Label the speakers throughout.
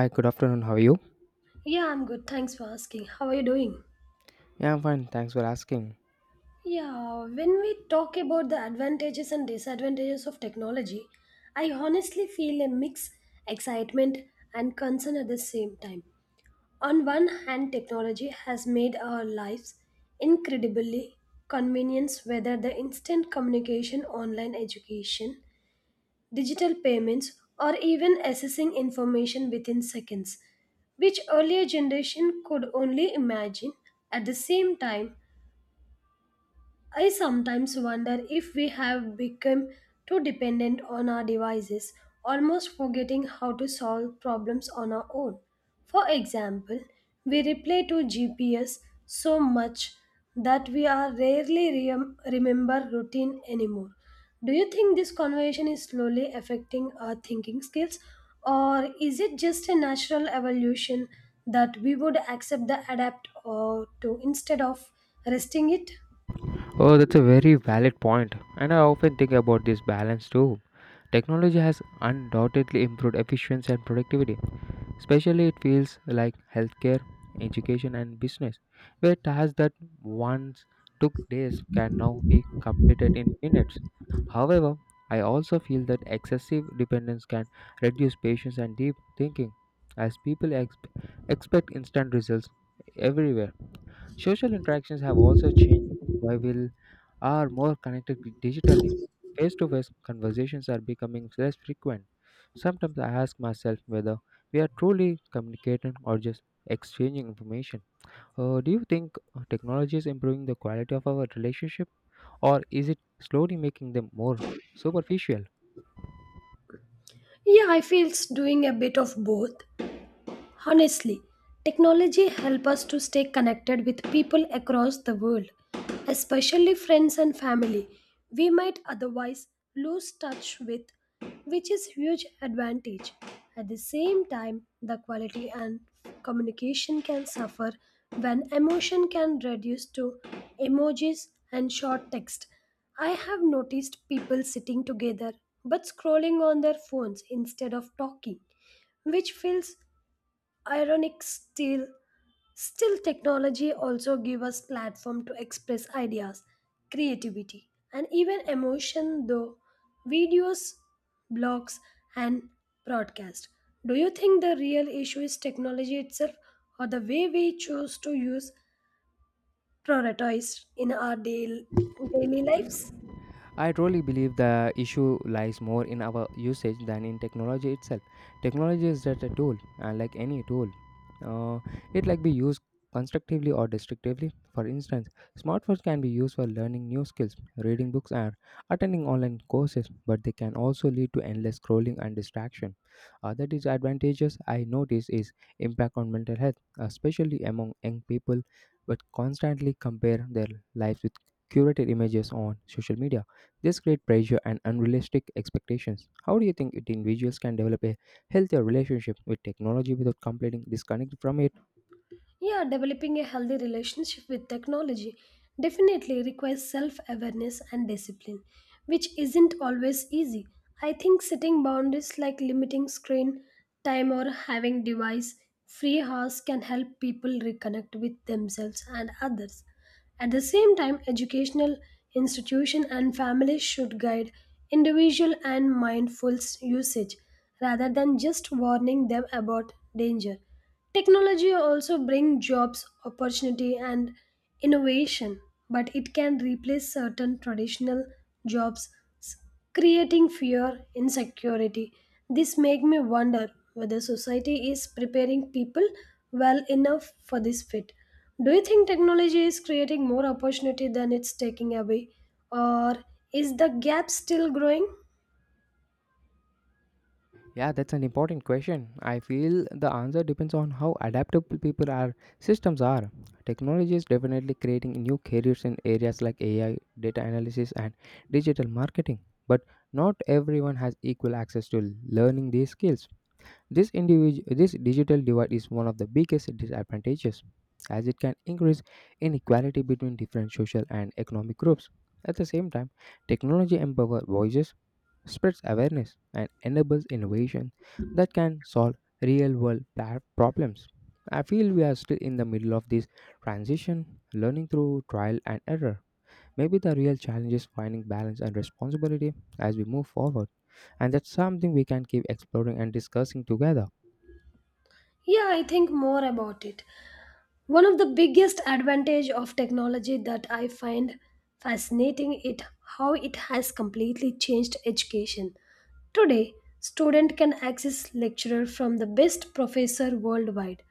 Speaker 1: Hi, good afternoon. How are you?
Speaker 2: Yeah, I'm good. Thanks for asking. How are you doing?
Speaker 1: Yeah, I'm fine. Thanks for asking.
Speaker 2: Yeah, when we talk about the advantages and disadvantages of technology, I honestly feel a mix excitement and concern at the same time. On one hand, technology has made our lives incredibly convenient, whether the instant communication, online education, digital payments, or even accessing information within seconds, which earlier generation could only imagine. At the same time, I sometimes wonder if we have become too dependent on our devices, almost forgetting how to solve problems on our own. For example, we reply to GPS so much that we are rarely remember routine anymore. Do you think this conversation is slowly affecting our thinking skills, or is it just a natural evolution that we would accept the adapt or to instead of resting it?
Speaker 1: Oh, that's a very valid point, and I often think about this balance too. Technology has undoubtedly improved efficiency and productivity, especially it feels like healthcare, education, and business, where tasks that once took days can now be completed in minutes. However, I also feel that excessive dependence can reduce patience and deep thinking, as people expect instant results everywhere. Social interactions have also changed. While we are more connected digitally, face to face conversations are becoming less frequent. Sometimes I ask myself whether we are truly communicating or just exchanging information. Do you think technology is improving the quality of our relationship, or is it slowly making them more superficial?
Speaker 2: Yeah, I feel it's doing a bit of both. Honestly, technology helps us to stay connected with people across the world, especially friends and family we might otherwise lose touch with, which is huge advantage. At the same time, the quality and communication can suffer when emotion can reduce to emojis and short text. I have noticed people sitting together but scrolling on their phones instead of talking, which feels ironic. Still technology also give us platform to express ideas, creativity, and even emotion though videos, blogs, and broadcast. Do you think the real issue is technology itself, or the way we choose to use, prioritize in our daily lives?
Speaker 1: I truly believe the issue lies more in our usage than in technology itself. Technology is just a tool, and like any tool, uh, it like be used constructively or destructively. For instance, smartphones can be used for learning new skills, reading books, and attending online courses, but they can also lead to endless scrolling and distraction. Other disadvantages I notice is impact on mental health, especially among young people, but constantly compare their lives with curated images on social media. This creates pressure and unrealistic expectations. How do you think it individuals can develop a healthier relationship with technology without completely disconnected from it?
Speaker 2: Yeah, developing a healthy relationship with technology definitely requires self awareness and discipline, which isn't always easy. I think setting boundaries like limiting screen time or having device free hours can help people reconnect with themselves and others. At the same time, educational institution and families should guide individual and mindful usage rather than just warning them about danger. Technology also brings jobs, opportunity and innovation, but it can replace certain traditional jobs, s- creating fear, insecurity. This makes me wonder whether society is preparing people well enough for this fit. Do you think technology is creating more opportunity than it's taking away, or is the gap still growing?
Speaker 1: Yeah, that's an important question. I feel the answer depends on how adaptable people are systems are. Technology is definitely creating new careers in areas like AI, data analysis and digital marketing, but not everyone has equal access to learning these skills. This digital divide is one of the biggest disadvantages, as it can increase inequality between different social and economic groups. At the same time, technology empowers voices, spreads awareness, and enables innovation that can solve real world problems. I feel we are still in the middle of this transition, learning through trial and error. Maybe the real challenge is finding balance and responsibility as we move forward, and that's something we can keep exploring and discussing together.
Speaker 2: Yeah, I think more about it. One of the biggest advantage of technology that I find fascinating it how it has completely changed education. Today student can access lecturer from the best professor worldwide,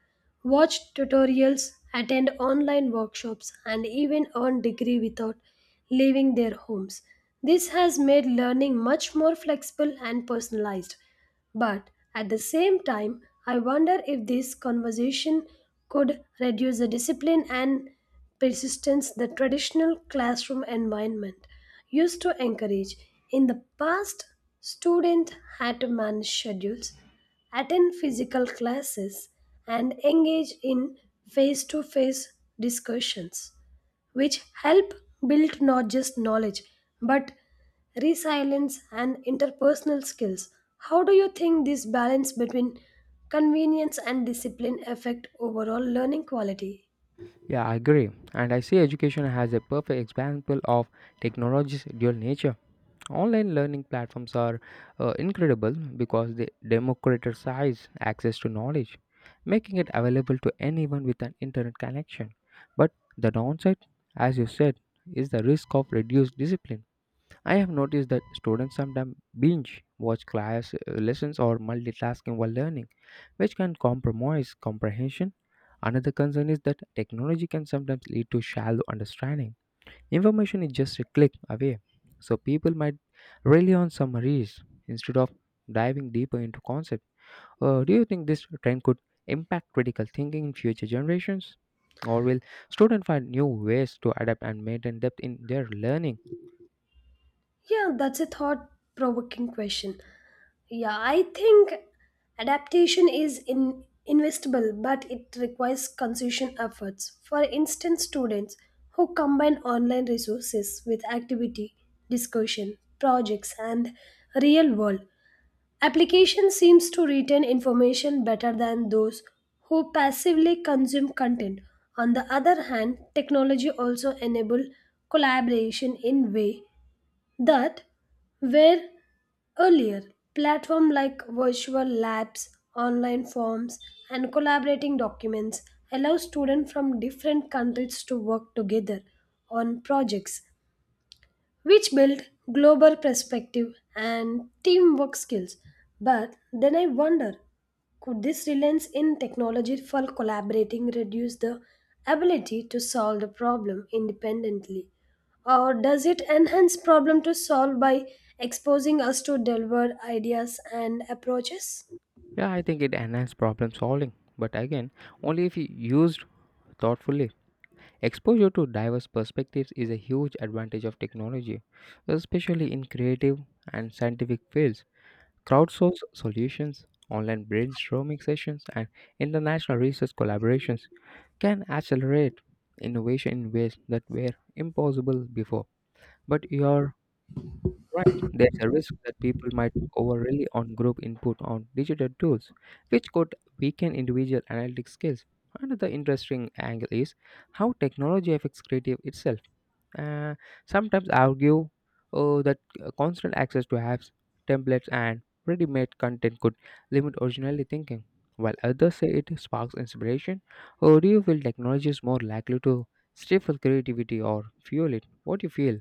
Speaker 2: watch tutorials, attend online workshops, and even earn degree without leaving their homes. This has made learning much more flexible and personalized, but at the same time, I wonder if this conversation could reduce the discipline and persistence the traditional classroom environment used to encourage. In the past, students had to manage schedules, attend physical classes, and engage in face to face discussions, which help build not just knowledge but resilience and interpersonal skills. How do you think this balance between convenience and discipline affect overall learning quality?
Speaker 1: Yeah, I agree. And I see education as a perfect example of technology's dual nature. Online learning platforms are incredible because they democratize access to knowledge, making it available to anyone with an internet connection. But the downside, as you said, is the risk of reduced discipline. I have noticed that students sometimes binge watch class lessons or multitasking while learning, which can compromise comprehension. Another concern is that technology can sometimes lead to shallow understanding. Information is just a click away, so people might rely on summaries instead of diving deeper into concepts. Do you think this trend could impact critical thinking in future generations? Or will students find new ways to adapt and maintain depth in their learning?
Speaker 2: Yeah, that's a thought provoking question. Yeah, I think adaptation is investable, but it requires consistent efforts. For instance, students who combine online resources with activity, discussion, projects, and real world application seems to retain information better than those who passively consume content. On the other hand, technology also enable collaboration in way that where earlier platform like virtual labs, online forms, and collaborating documents allow students from different countries to work together on projects, which build global perspective and teamwork skills. But then I wonder, could this reliance in technology for collaborating reduce the ability to solve the problem independently? Or does it enhance problem to solve by exposing us to delivered ideas and approaches?
Speaker 1: Yeah, I think it enhances problem solving, but again, only if used thoughtfully. Exposure to diverse perspectives is a huge advantage of technology, especially in creative and scientific fields. Crowdsource solutions, online brainstorming sessions, and international research collaborations can accelerate innovation in ways that were impossible before. But you're right, there's a risk that people might over rely on group input on digital tools, which could weaken individual analytic skills. Another interesting angle is how technology affects creative itself, uh, sometimes argue that constant access to apps, templates, and ready made content could limit originality thinking, while others say it sparks inspiration. Or do you feel technology is more likely to stifle creativity or fuel it? What do you feel?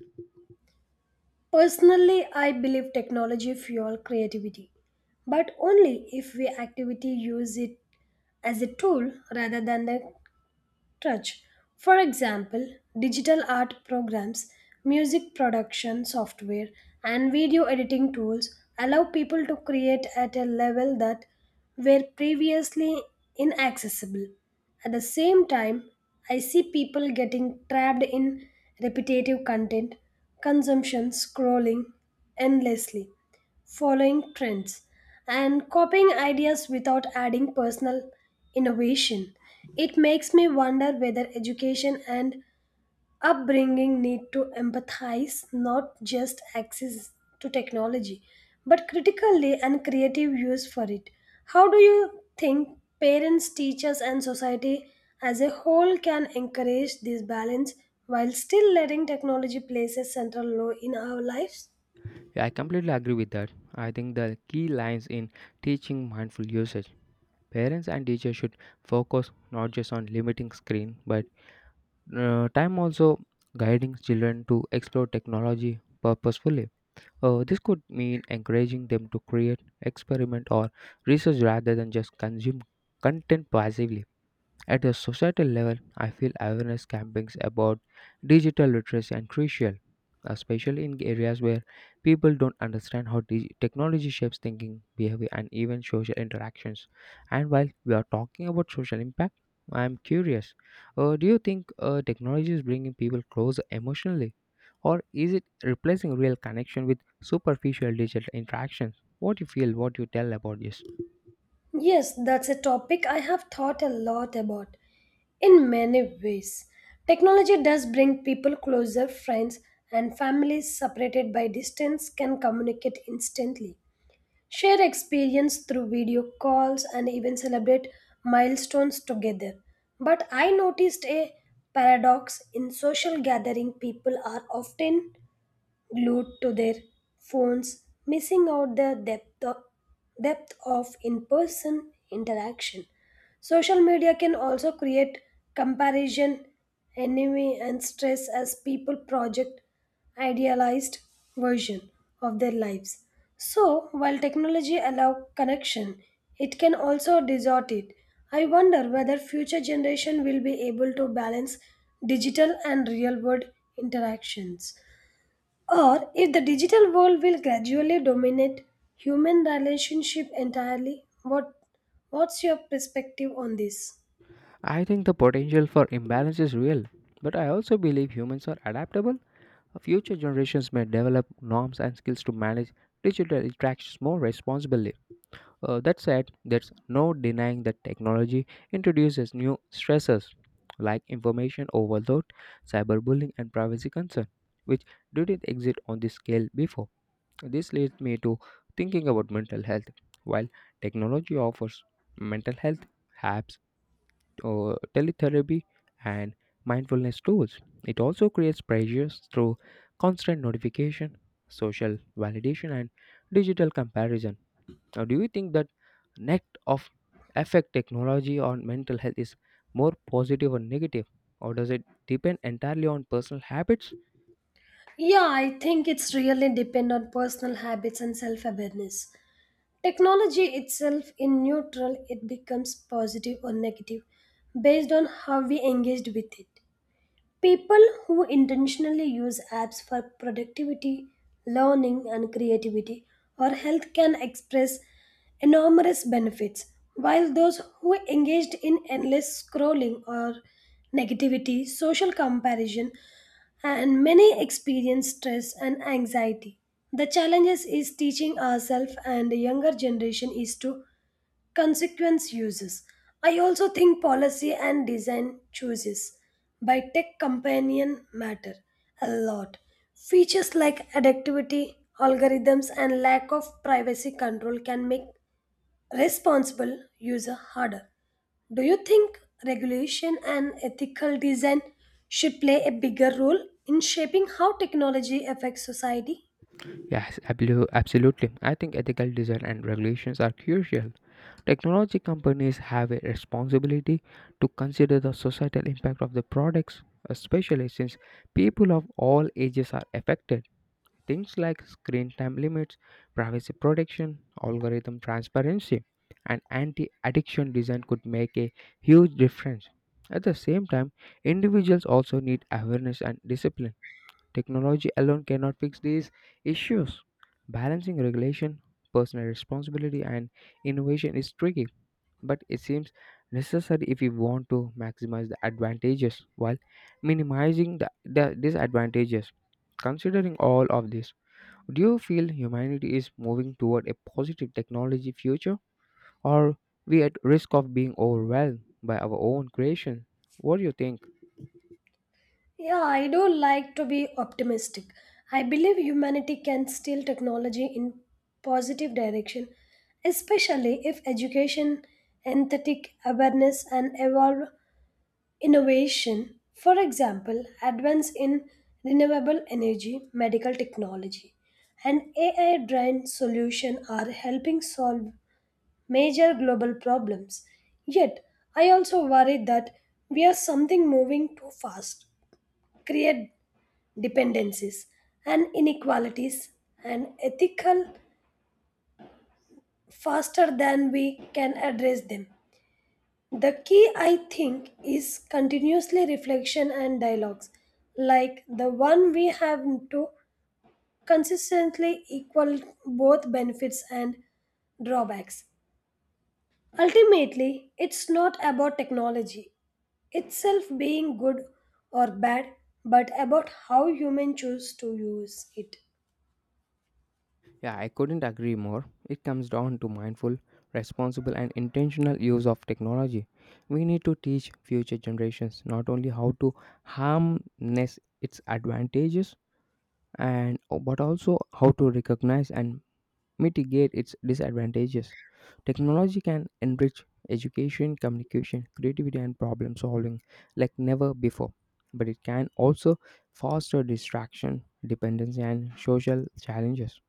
Speaker 2: Personally, I believe technology fuel creativity, but only if we actively use it as a tool rather than the touch. For example, digital art programs, music production software, and video editing tools allow people to create at a level that were previously inaccessible. At the same time, I see people getting trapped in repetitive content, consumption, scrolling endlessly, following trends, and copying ideas without adding personal innovation. It makes me wonder whether education and upbringing need to empathize not just access to technology but critically and creative use for it. How do you think parents, teachers, and society as a whole can encourage this balance while still letting technology play a central role in our lives?
Speaker 1: Yeah, I completely agree with that. I think the key lies in teaching mindful usage. Parents and teachers should focus not just on limiting screen but time also guiding children to explore technology purposefully. This could mean encouraging them to create, experiment, or research rather than just consume content passively. At a societal level, I feel awareness campaigns about digital literacy are crucial, especially in areas where people don't understand how technology shapes thinking, behavior, and even social interactions. And while we are talking about social impact, I am curious. Do you think technology is bringing people closer emotionally? Or is it replacing real connection with superficial digital interactions? What do you feel? What do you tell about this?
Speaker 2: Yes, that's a topic I have thought a lot about in many ways. Technology does bring people closer, friends and families separated by distance can communicate instantly, share experience through video calls, and even celebrate milestones together. But I noticed a paradox in social gathering, people are often glued to their phones, missing out the depth of in-person interaction. Social media can also create comparison, envy, and stress as people project idealized version of their lives. So, while technology allow connection, it can also distort it. I wonder whether future generation will be able to balance digital and real world interactions, or if the digital world will gradually dominate human relationship entirely. What's your perspective on this?
Speaker 1: I think the potential for imbalance is real, but I also believe humans are adaptable. Future generations may develop norms and skills to manage digital interactions more responsibly. That said, there's no denying that technology introduces new stressors like information overload, cyberbullying, and privacy concern, which didn't exist on this scale before. This leads me to thinking about mental health. While technology offers mental health apps, teletherapy and mindfulness tools. It also creates pressures through constant notification, social validation, and digital comparison. Now, do you think that net of effect technology on mental health is more positive or negative, or does it depend entirely on personal habits?
Speaker 2: Yeah, I think it's really depend on personal habits and self awareness. Technology itself in neutral, it becomes positive or negative based on how we engaged with it. People who intentionally use apps for productivity, learning, and creativity or health can express enormous benefits, while those who engaged in endless scrolling or negativity, social comparison, and many experience stress and anxiety. The challenge is teaching ourselves and the younger generation is to consequence uses. I also think policy and design choices by tech companion matter a lot. Features like adaptivity, algorithms, and lack of privacy control can make responsible user harder. Do you think regulation and ethical design should play a bigger role in shaping how technology affects society?
Speaker 1: Absolutely. I think ethical design and regulations are crucial. Technology companies have a responsibility to consider the societal impact of the products, especially since people of all ages are affected. Things like screen time limits, privacy protection, algorithm transparency, and anti addiction design could make a huge difference. At the same time, individuals also need awareness and discipline. Technology alone cannot fix these issues. Balancing regulation, personal responsibility, and innovation is tricky, but it seems necessary if we want to maximize the advantages while minimizing the disadvantages. Considering all of this, do you feel humanity is moving toward a positive technology future, or we at risk of being overwhelmed by our own creation? What do you think?
Speaker 2: Yeah, I don't like to be optimistic. I believe humanity can steer technology in positive direction, especially if education, empathetic awareness, and evolve innovation. For example, advance in renewable energy, medical technology, and AI-driven solution are helping solve major global problems. Yet, I also worry that we are something moving too fast, create dependencies, and inequalities and ethical faster than we can address them. The key, I think, is continuously reflection and dialogues, like the one we have, to consistently equal both benefits and drawbacks. Ultimately, it's not about technology itself being good or bad, but about how humans choose to use it.
Speaker 1: Yeah, I couldn't agree more. It comes down to mindful, responsible, and intentional use of technology. We need to teach future generations not only how to harness its advantages and but also how to recognize and mitigate its disadvantages. Technology can enrich education, communication, creativity, and problem solving like never before, but it can also foster distraction, dependency, and social challenges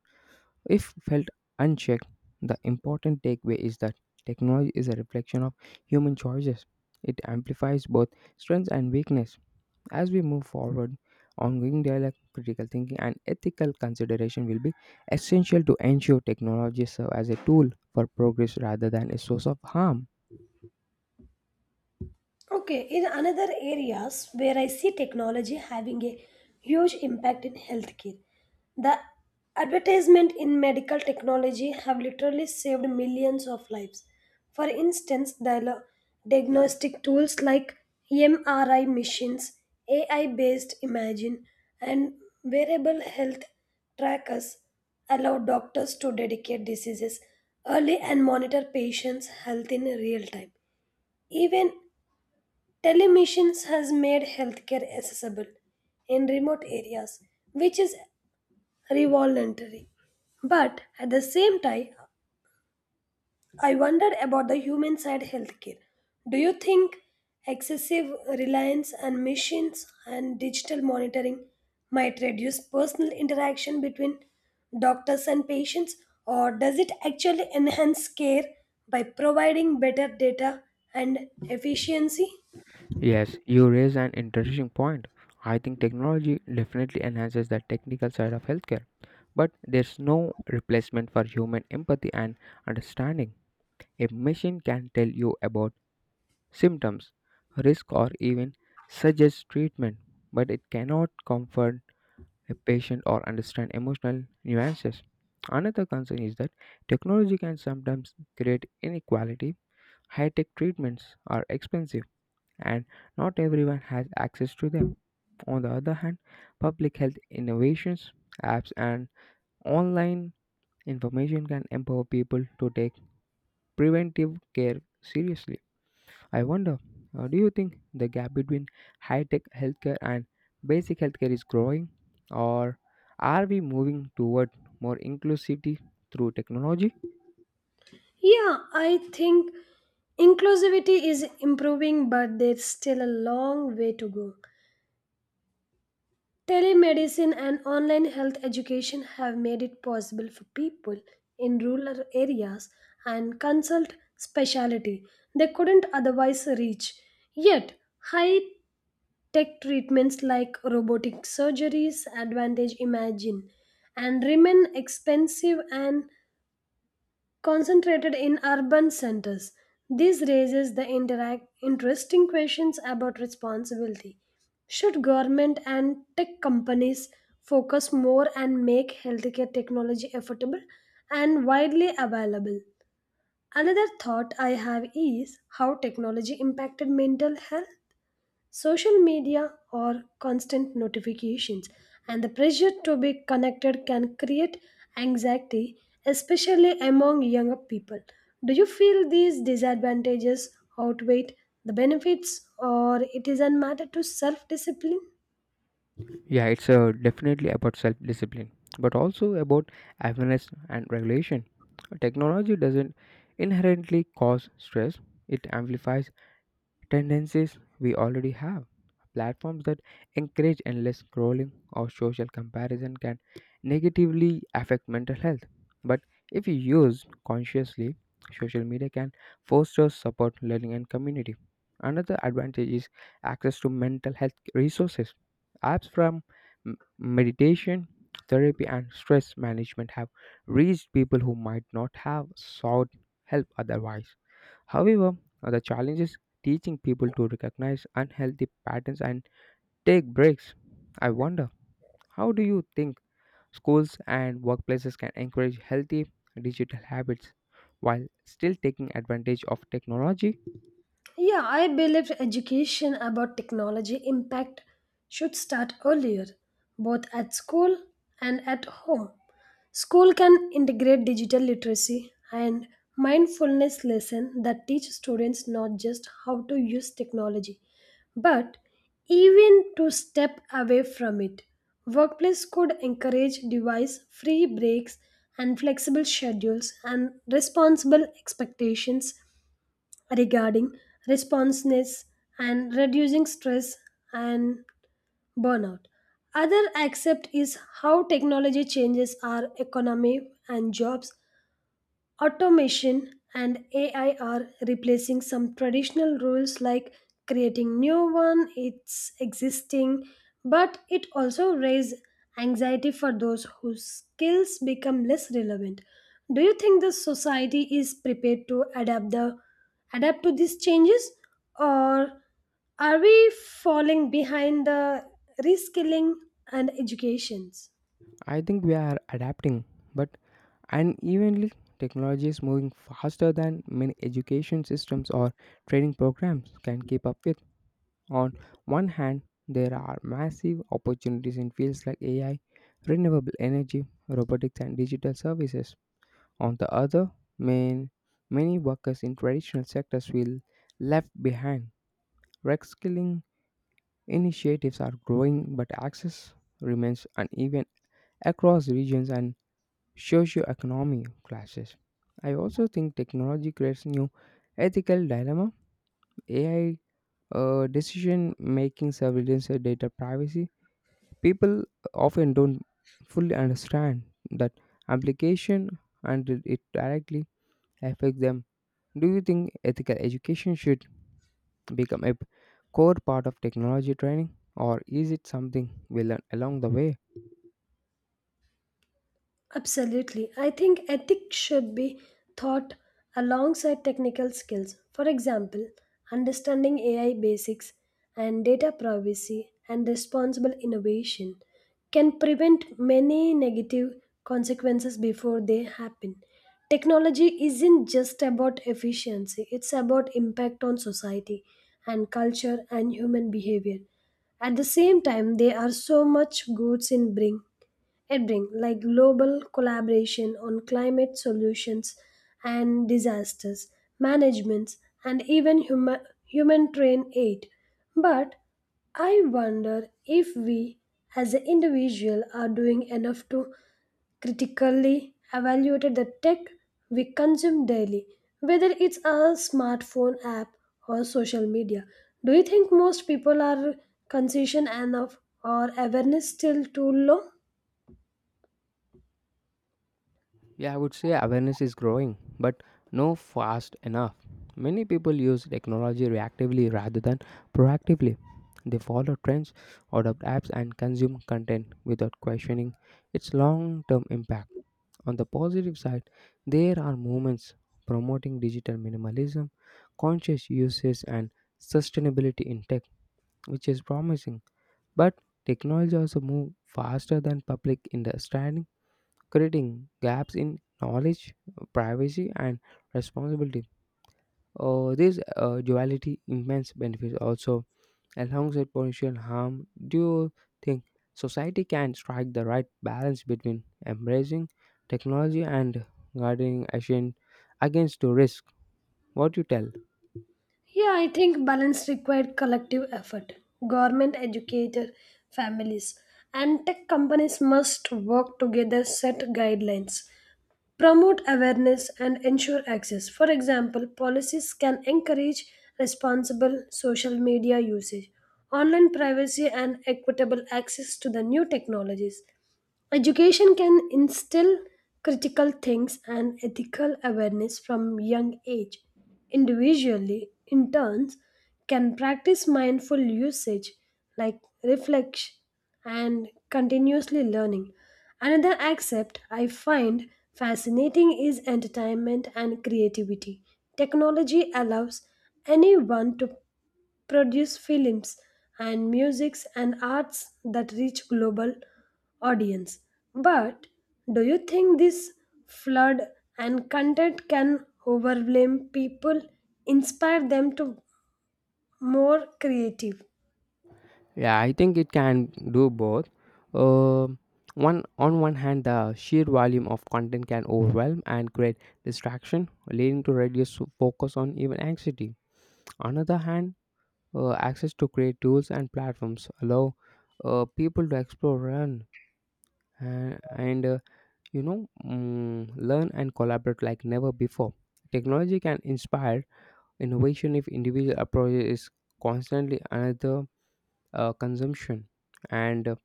Speaker 1: if felt unchecked. The important takeaway is that technology is a reflection of human choices. It amplifies both strengths and weakness. As we move forward, ongoing dialogue, critical thinking, and ethical consideration will be essential to ensure technology serves as a tool for progress rather than a source of harm.
Speaker 2: Okay, in another areas where I see technology having a huge impact in healthcare, the advertisement in medical technology have literally saved millions of lives. For instance, the diagnostic tools like MRI machines, AI-based imaging, and wearable health trackers allow doctors to dedicate diseases early and monitor patients' health in real time. Even telemedicine has made healthcare accessible in remote areas, which is revolutionary. But at the same time, I wonder about the human side healthcare. Do you think excessive reliance on machines and digital monitoring might reduce personal interaction between doctors and patients, or does it actually enhance care by providing better data and efficiency?
Speaker 1: Yes, you raise an interesting point. I think technology definitely enhances the technical side of healthcare, but there's no replacement for human empathy and understanding. A machine can tell you about symptoms, risk, or even suggest treatment, but it cannot comfort a patient or understand emotional nuances. Another concern is that technology can sometimes create inequality. High tech treatments are expensive and not everyone has access to them. On the other hand, public health innovations, apps, and online information can empower people to take preventive care seriously. I wonder, do you think the gap between high tech healthcare and basic healthcare is growing, or are we moving toward more inclusivity through technology?
Speaker 2: Yeah, I think inclusivity is improving, but there's still a long way to go. Telemedicine and online health education have made it possible for people in rural areas and consult specialty they couldn't otherwise reach. Yet, high tech treatments like robotic surgeries advantage imagine and remain expensive and concentrated in urban centers. This raises the interesting questions about responsibility. Should government and tech companies focus more and make healthcare technology affordable and widely available? Another thought I have is how technology impacted mental health. Social media or constant notifications and the pressure to be connected can create anxiety, especially among younger people. Do you feel these disadvantages outweigh the benefits, or it is a matter to self discipline?
Speaker 1: Yeah, it's definitely about self discipline, but also about awareness and regulation. Technology doesn't inherently cause stress, it amplifies tendencies we already have. Platforms that encourage endless scrolling or social comparison can negatively affect mental health. But if you use consciously, social media can foster support, learning, and community. Another advantage is access to mental health resources. Apps from meditation, therapy, and stress management have reached people who might not have sought help otherwise. However, the challenge is teaching people to recognize unhealthy patterns and take breaks. I wonder, how do you think schools and workplaces can encourage healthy digital habits while still taking advantage of technology?
Speaker 2: Yeah, I believe education about technology impact should start earlier, both at school and at home. School can integrate digital literacy and mindfulness lessons that teach students not just how to use technology but even to step away from it. Workplace could encourage device free breaks and flexible schedules and responsible expectations regarding responsiveness and reducing stress and burnout. Other accept is how technology changes our economy and jobs. Automation and AI are replacing some traditional roles like creating new one, it's existing, but it also raises anxiety for those whose skills become less relevant. Do you think the society is prepared to adapt to these changes, or are we falling behind the reskilling and educations?
Speaker 1: I think we are adapting, but unevenly, technology is moving faster than many education systems or training programs can keep up with. On one hand, there are massive opportunities in fields like AI, renewable energy, robotics, and digital services. On the other, man, many workers in traditional sectors will left behind. Reskilling initiatives are growing, but access remains uneven across regions and socio-economic classes. I also think technology creates new ethical dilemma. AI, decision making surveillance, data privacy. People often don't fully understand that application and it directly affects them. Do you think ethical education should become a core part of technology training, or is it something we learn along the way?
Speaker 2: Absolutely. I think ethics should be taught alongside technical skills. For example, understanding AI basics and data privacy and responsible innovation can prevent many negative consequences before they happen. Technology isn't just about efficiency, it's about impact on society and culture and human behavior. At the same time, there are so much goods in bring, it brings like global collaboration on climate solutions and disasters, managements, and even human train aid. But I wonder if we as an individual are doing enough to critically evaluate the tech we consume daily, whether it's a smartphone app or social media. Do you think most people are conscious enough or awareness still too low?
Speaker 1: Yeah, I would say awareness is growing, but no fast enough. Many people use technology reactively rather than proactively. They follow trends, adopt apps, and consume content without questioning its long term impact. On the positive side, there are movements promoting digital minimalism, conscious uses, and sustainability in tech, which is promising. But technology also moves faster than public understanding creating gaps in knowledge, privacy, and responsibility. This duality immense benefits also alongside potential harm. Do you think society can strike the right balance between embracing technology and guarding action against the risk? What you tell?
Speaker 2: Yeah, I think balance required collective effort. Government, educator, families, and tech companies must work together, set guidelines, promote awareness, and ensure access. For example, policies can encourage responsible social media usage, online privacy, and equitable access to the new technologies. Education can instill critical things and ethical awareness from young age. Individually, interns can practice mindful usage like reflection and continuously learning. Another aspect I find fascinating is entertainment and creativity. Technology allows anyone to produce films and musics and arts that reach global audience. But do you think this flood and content can overwhelm people, inspire them to more creative?
Speaker 1: Yeah, I think it can do both. Um one hand, the sheer volume of content can overwhelm and create distraction, leading to reduced focus on even anxiety. On the other hand, access to create tools and platforms allow people to explore, run, and learn and collaborate like never before. Technology can inspire innovation if individual approach is constantly another consumption and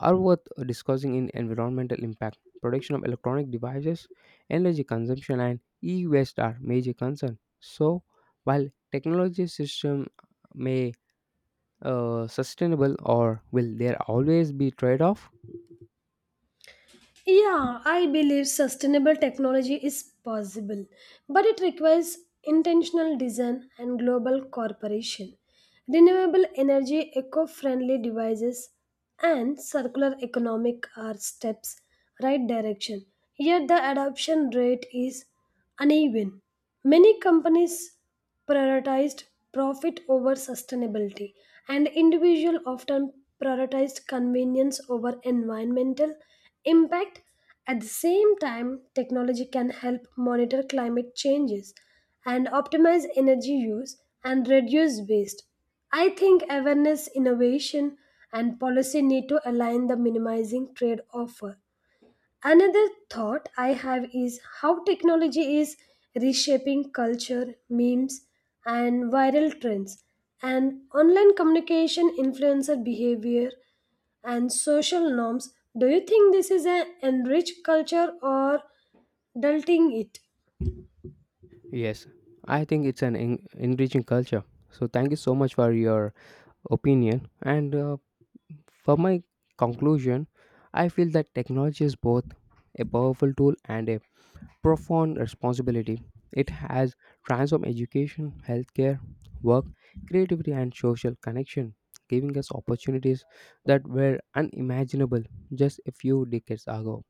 Speaker 1: are worth discussing in environmental impact. Production of electronic devices, energy consumption, and e waste are major concerns. So, while technology system may sustainable or will there always be trade off?
Speaker 2: Yeah, I believe sustainable technology is possible, but it requires intentional design and global cooperation. Renewable energy, eco friendly devices, and circular economic are steps right direction. Yet the adoption rate is uneven. Many companies prioritized profit over sustainability, and individuals often prioritized convenience over environmental impact. At the same time, technology can help monitor climate changes and optimize energy use and reduce waste. I think awareness, innovation, and policy need to align the minimizing trade off. Another thought I have is how technology is reshaping culture, memes, and viral trends, and online communication, influencer behavior, and social norms. Do you think this is an enriched culture or dulting it?
Speaker 1: Yes, I think it's an en- Enriching culture. So thank you so much for your opinion. And for my conclusion, I feel that technology is both a powerful tool and a profound responsibility. It has transformed education, healthcare, work, creativity, and social connection, giving us opportunities that were unimaginable just a few decades ago.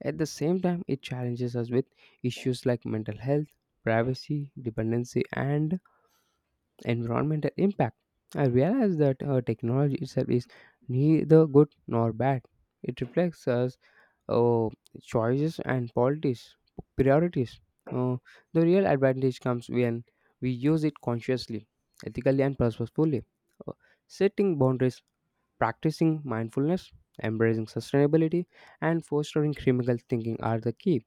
Speaker 1: At the same time, it challenges us with issues like mental health, privacy, dependency, and environmental impact. I realize that technology itself is neither good nor bad. It reflects us uh, choices and priorities. Uh, the real advantage comes when we use it consciously, ethically, and purposefully. Uh, Setting boundaries, practicing mindfulness, embracing sustainability, and fostering critical thinking are the key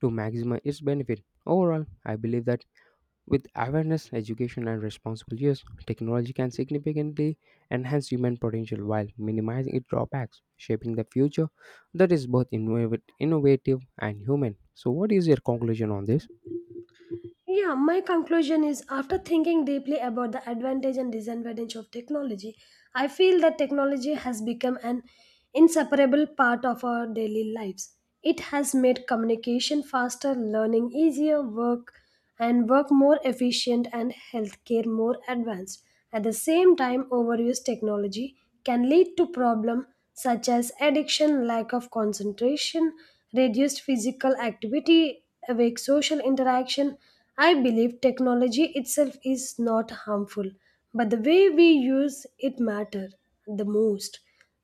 Speaker 1: to maximize its benefit. Overall, I believe that with awareness, education, and responsible use, technology can significantly enhance human potential while minimizing its drawbacks, shaping the future that is both innovative and human. So, what is your conclusion on this?
Speaker 2: Yeah, my conclusion is after thinking deeply about the advantage and disadvantage of technology, I feel that technology has become an inseparable part of our daily lives. It has made communication faster, learning easier, work more efficient and healthcare more advanced. At the same time, overuse technology can lead to problems such as addiction, lack of concentration, reduced physical activity, awake social interaction. I believe technology itself is not harmful, but the way we use it matter the most.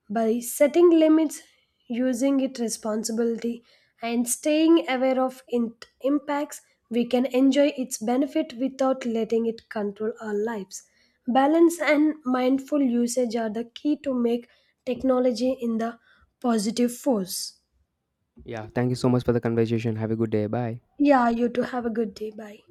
Speaker 2: By setting limits, using it responsibility, and staying aware of impacts, we can enjoy its benefit without letting it control our lives. Balance and mindful usage are the key to make technology in the positive force.
Speaker 1: Yeah, thank you so much for the conversation. Have a good day. Bye.
Speaker 2: Yeah, you too. Have a good day. Bye.